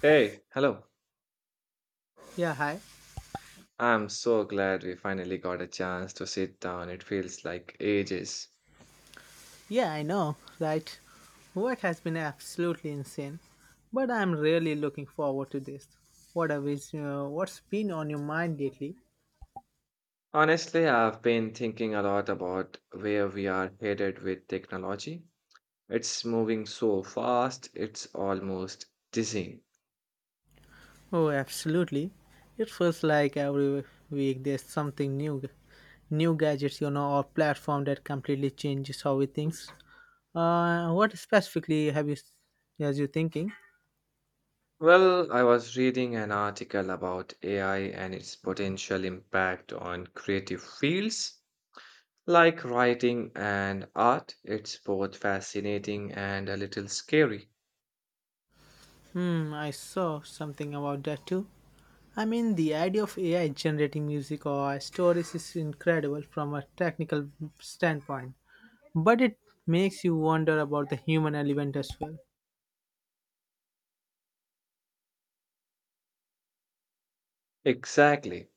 Hey, hello. Yeah, hi. I'm so glad we finally got a chance to sit down. It feels like ages. Yeah, I know, right? Work has been absolutely insane, but I'm really looking forward to this. What's been on your mind lately? Honestly, I've been thinking a lot about where we are headed with technology. It's moving so fast, it's almost dizzying. Oh, absolutely. It feels like every week there's something new gadgets, or platform that completely changes how we think. What specifically have as you thinking? Well, I was reading an article about AI and its potential impact on creative fields like writing and art. It's both fascinating and a little scary. Hmm, I saw something about that too. I mean, the idea of AI generating music or stories is incredible from a technical standpoint, but it makes you wonder about the human element as well. Exactly.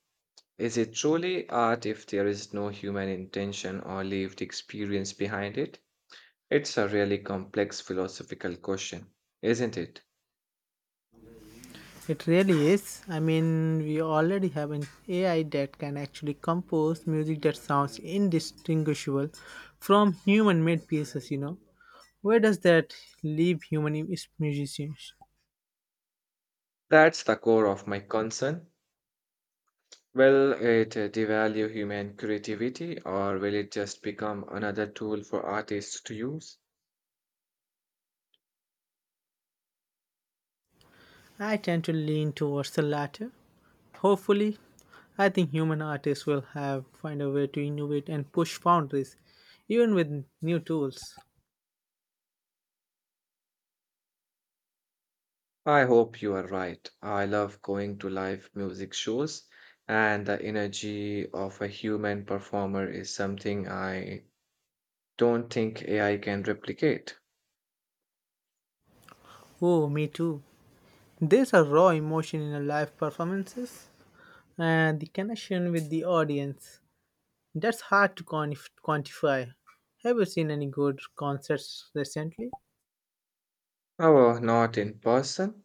Is it truly art if there is no human intention or lived experience behind it? It's a really complex philosophical question, isn't it? It really is. I mean, we already have an AI that can actually compose music that sounds indistinguishable from human made pieces. Where does that leave human musicians? That's the core of my concern. Will it devalue human creativity or will it just become another tool for artists to use? I tend to lean towards the latter. Hopefully, I think human artists will have find a way to innovate and push boundaries, even with new tools. I hope you are right. I love going to live music shows, and the energy of a human performer is something I don't think AI can replicate. Oh, me too. There's a raw emotion in a live performances and the connection with the audience. That's hard to quantify. Have you seen any good concerts recently? Oh, well, not in person,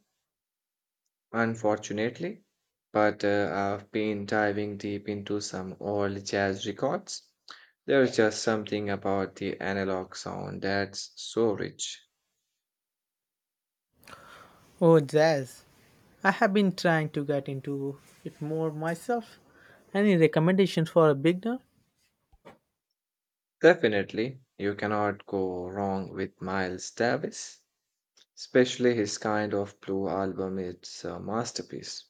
unfortunately, but I've been diving deep into some old jazz records. There's just something about the analog sound that's so rich. Oh, jazz. I have been trying to get into it more myself. Any recommendations for a beginner? Definitely, you cannot go wrong with Miles Davis, especially his kind of blue album. It's a masterpiece.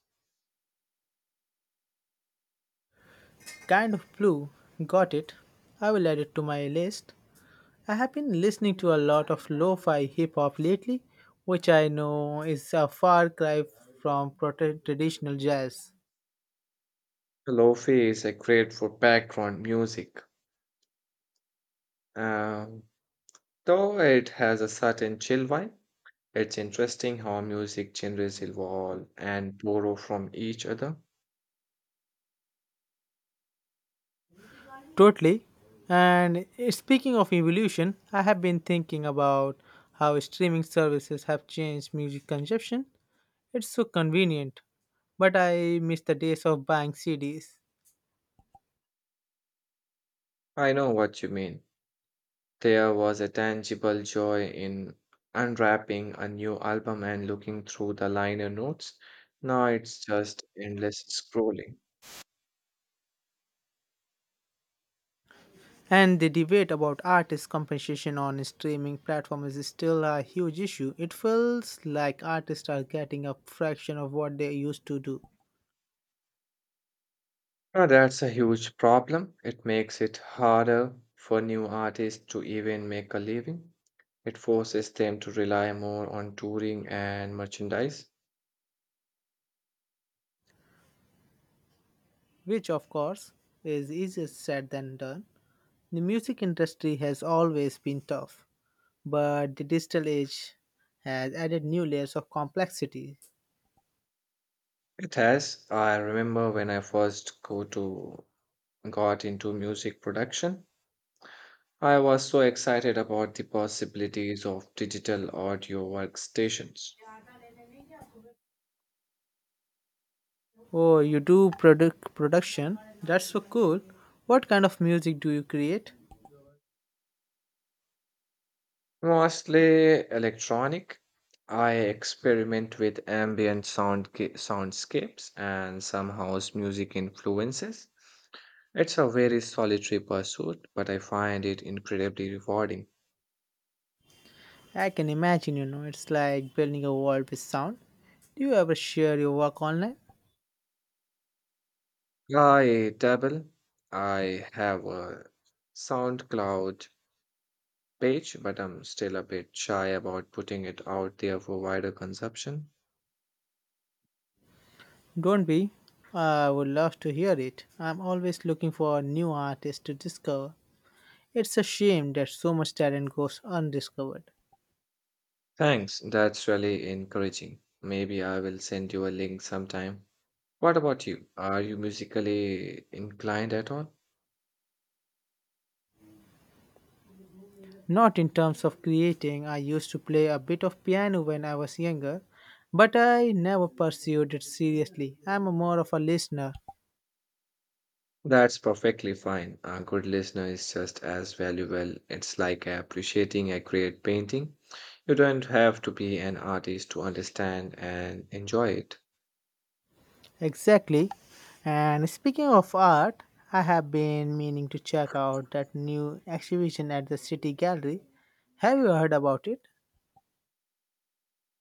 Kind of blue. Got it. I will add it to my list. I have been listening to a lot of lo fi hip hop lately, which I know is a far cry from traditional jazz. Lofi is a great for background music, um, though it has a certain chill vibe. It's interesting how music genres evolve and borrow from each other. Totally. And speaking of evolution, I have been thinking about how streaming services have changed music consumption. It's so convenient, but I miss the days of buying CDs. I know what you mean. There was a tangible joy in unwrapping a new album and looking through the liner notes. Now it's just endless scrolling. And the debate about artist compensation on streaming platforms is still a huge issue. It feels like artists are getting a fraction of what they used to do, Now that's a huge problem. It makes it harder for new artists to even make a living. It forces them to rely more on touring and merchandise. which, of course, is easier said than done. The music industry has always been tough, but the digital age has added new layers of complexity. It has. I remember when I first go to got into music production, I was so excited about the possibilities of digital audio workstations. Oh, you do product production? That's so cool. What kind of music do you create? Mostly electronic, I experiment with ambient soundscapes and some house music influences. It's a very solitary pursuit, but I find it incredibly rewarding. I can imagine, it's like building a world with sound. Do you ever share your work online? I dabble. I have a SoundCloud page, but I'm still a bit shy about putting it out there for wider consumption. Don't be. I would love to hear it. I'm always looking for new artists to discover. It's a shame that so much talent goes undiscovered. Thanks, that's really encouraging. Maybe I will send you a link sometime. What about you? Are you musically inclined at all? Not in terms of creating, I used to play a bit of piano when I was younger, but I never pursued it seriously. I'm more of a listener. That's perfectly fine. A good listener is just as valuable. It's like appreciating a great painting. You don't have to be an artist to understand and enjoy it. Exactly. And speaking of art, I have been meaning to check out that new exhibition at the City Gallery. Have you heard about it?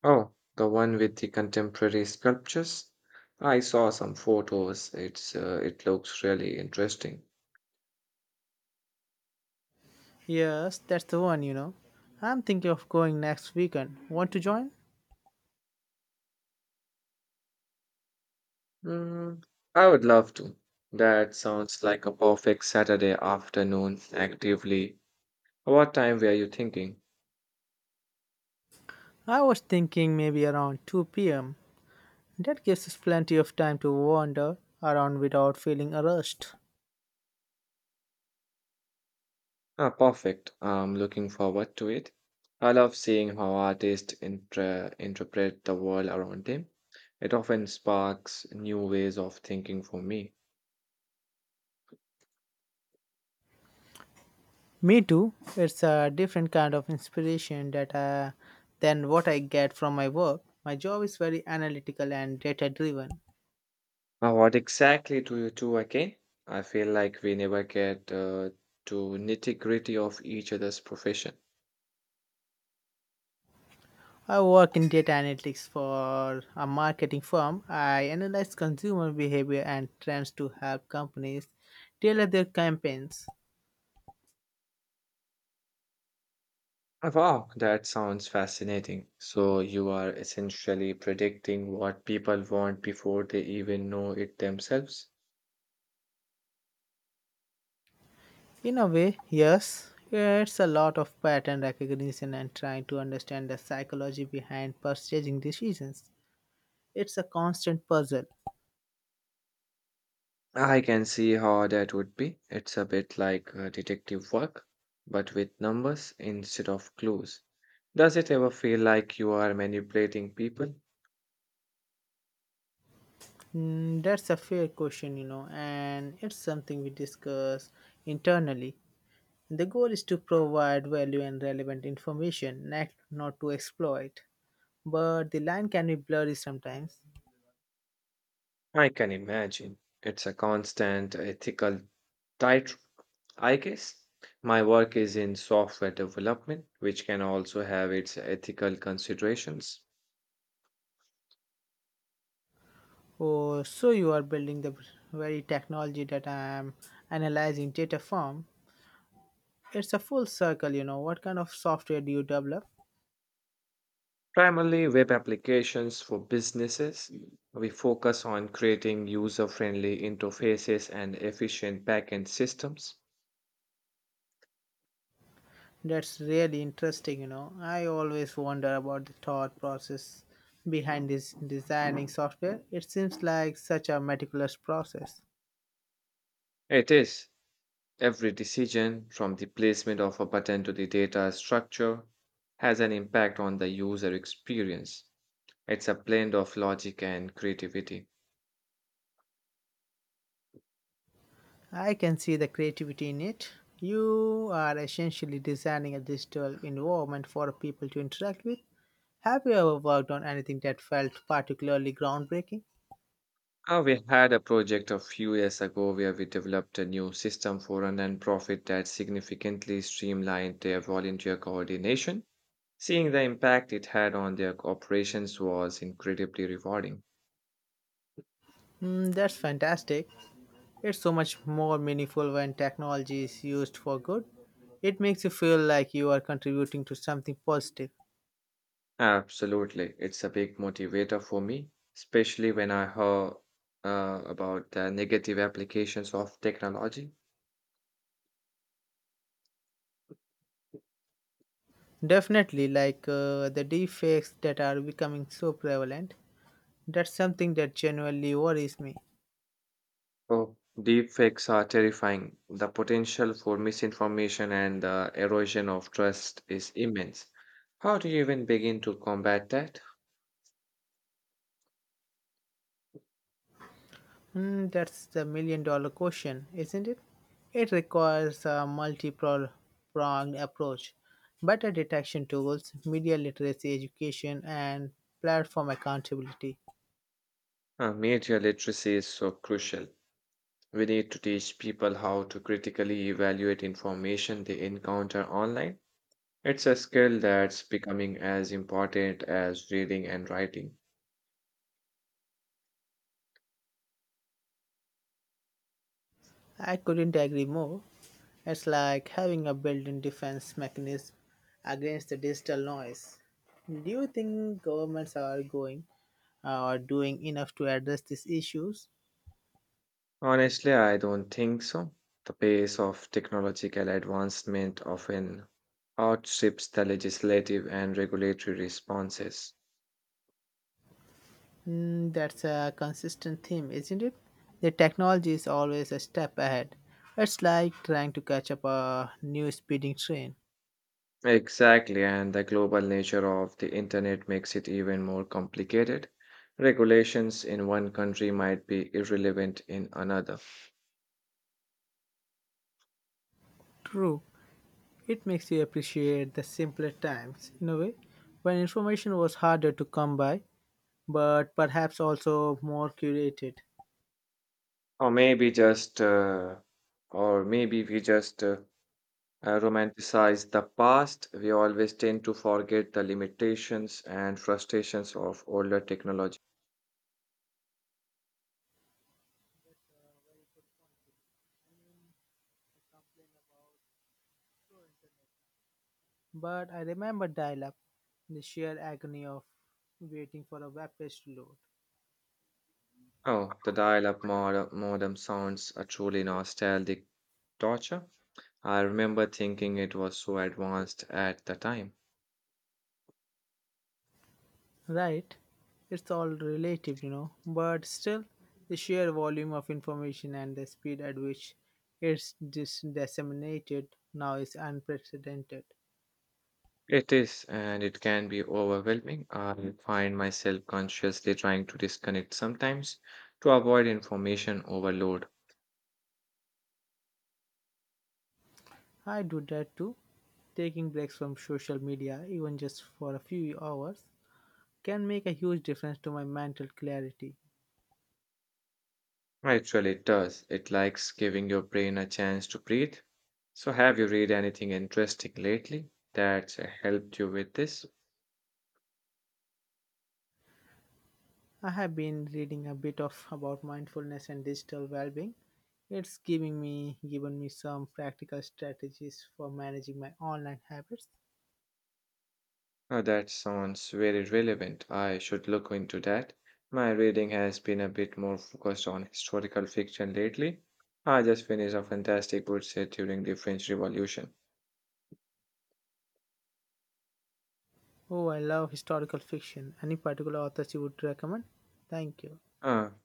Oh, the one with the contemporary sculptures? I saw some photos. It looks really interesting. Yes, that's the one. I'm thinking of going next weekend. Want to join? Mm, I would love to. That sounds like a perfect Saturday afternoon actively. What time were you thinking? I was thinking maybe around 2 pm. That gives us plenty of time to wander around without feeling a rushed. Ah, perfect. I'm looking forward to it. I love seeing how artists interpret the world around them. It often sparks new ways of thinking for me. Me too. It's a different kind of inspiration than what I get from my work. My job is very analytical and data driven. Now, what exactly do you do again? I feel like we never get to nitty-gritty of each other's profession. I work in data analytics for a marketing firm. I analyze consumer behavior and trends to help companies tailor their campaigns. Oh, wow, that sounds fascinating. So you are essentially predicting what people want before they even know it themselves. In a way, yes, it's a lot of pattern recognition and trying to understand the psychology behind purchasing decisions. It's a constant puzzle. I can see how that would be. It's a bit like detective work, but with numbers instead of clues. Does it ever feel like you are manipulating people? Mm, that's a fair question, and it's something we discuss internally. The goal is to provide value and relevant information, not to exploit, but the line can be blurry sometimes. I can imagine. It's a constant ethical tightrope, I guess. My work is in software development, which can also have its ethical considerations. Oh, so you are building the very technology that I am analyzing data from. It's a full circle. What kind of software do you develop? Primarily, web applications for businesses. We focus on creating user friendly interfaces and efficient backend systems. That's really interesting. I always wonder about the thought process behind this designing software. It seems like such a meticulous process. It is every decision, from the placement of a button to the data structure, has an impact on the user experience. It's a blend of logic and creativity. I can see the creativity in it. You are essentially designing a digital environment for people to interact with. Have you ever worked on anything that felt particularly groundbreaking? We had a project a few years ago where we developed a new system for a nonprofit that significantly streamlined their volunteer coordination. Seeing the impact it had on their operations was incredibly rewarding. Mm, that's fantastic. It's so much more meaningful when technology is used for good. It makes you feel like you are contributing to something positive. Absolutely, it's a big motivator for me, especially when I heard about the negative applications of technology. Definitely, like the defects that are becoming so prevalent. That's something that genuinely worries me. Oh, deepfakes are terrifying. The potential for misinformation and the erosion of trust is immense. How do you even begin to combat that? Hmm, that's the million-dollar question, isn't it? It requires a multi pronged approach, better detection tools, media literacy education, and platform accountability. Media literacy is so crucial. We need to teach people how to critically evaluate information they encounter online. It's a skill that's becoming as important as reading and writing. I couldn't agree more. It's like having a built in defense mechanism against the digital noise. Do you think governments are going or doing enough to address these issues? Honestly, I don't think so. The pace of technological advancement often outstrips the legislative and regulatory responses. Mm, that's a consistent theme, isn't it? The technology is always a step ahead. It's like trying to catch up a new speeding train. Exactly, and the global nature of the internet makes it even more complicated. Regulations in one country might be irrelevant in another. True, it makes you appreciate the simpler times, in a way, when information was harder to come by, but perhaps also more curated. Or maybe just, or maybe we just romanticize the past. We always tend to forget the limitations and frustrations of older technology. But I remember dial up, the sheer agony of waiting for a web page to load. Oh, the dial-up modem sounds a truly nostalgic torture. I remember thinking it was so advanced at the time. Right, it's all relative, but still, the sheer volume of information and the speed at which it's disseminated now is unprecedented. It is, and it can be overwhelming. I find myself consciously trying to disconnect sometimes to avoid information overload. I do that too. Taking breaks from social media, even just for a few hours, can make a huge difference to my mental clarity. Actually, it does. It likes giving your brain a chance to breathe. So, have you read anything interesting lately that's helped you with this? I have been reading a bit of about mindfulness and digital well-being. It's giving me given me some practical strategies for managing my online habits. Now that sounds very relevant. I should look into that. My reading has been a bit more focused on historical fiction lately. I just finished a fantastic book set during the French Revolution. Oh, I love historical fiction. Any particular authors you would recommend? Thank you. Ah,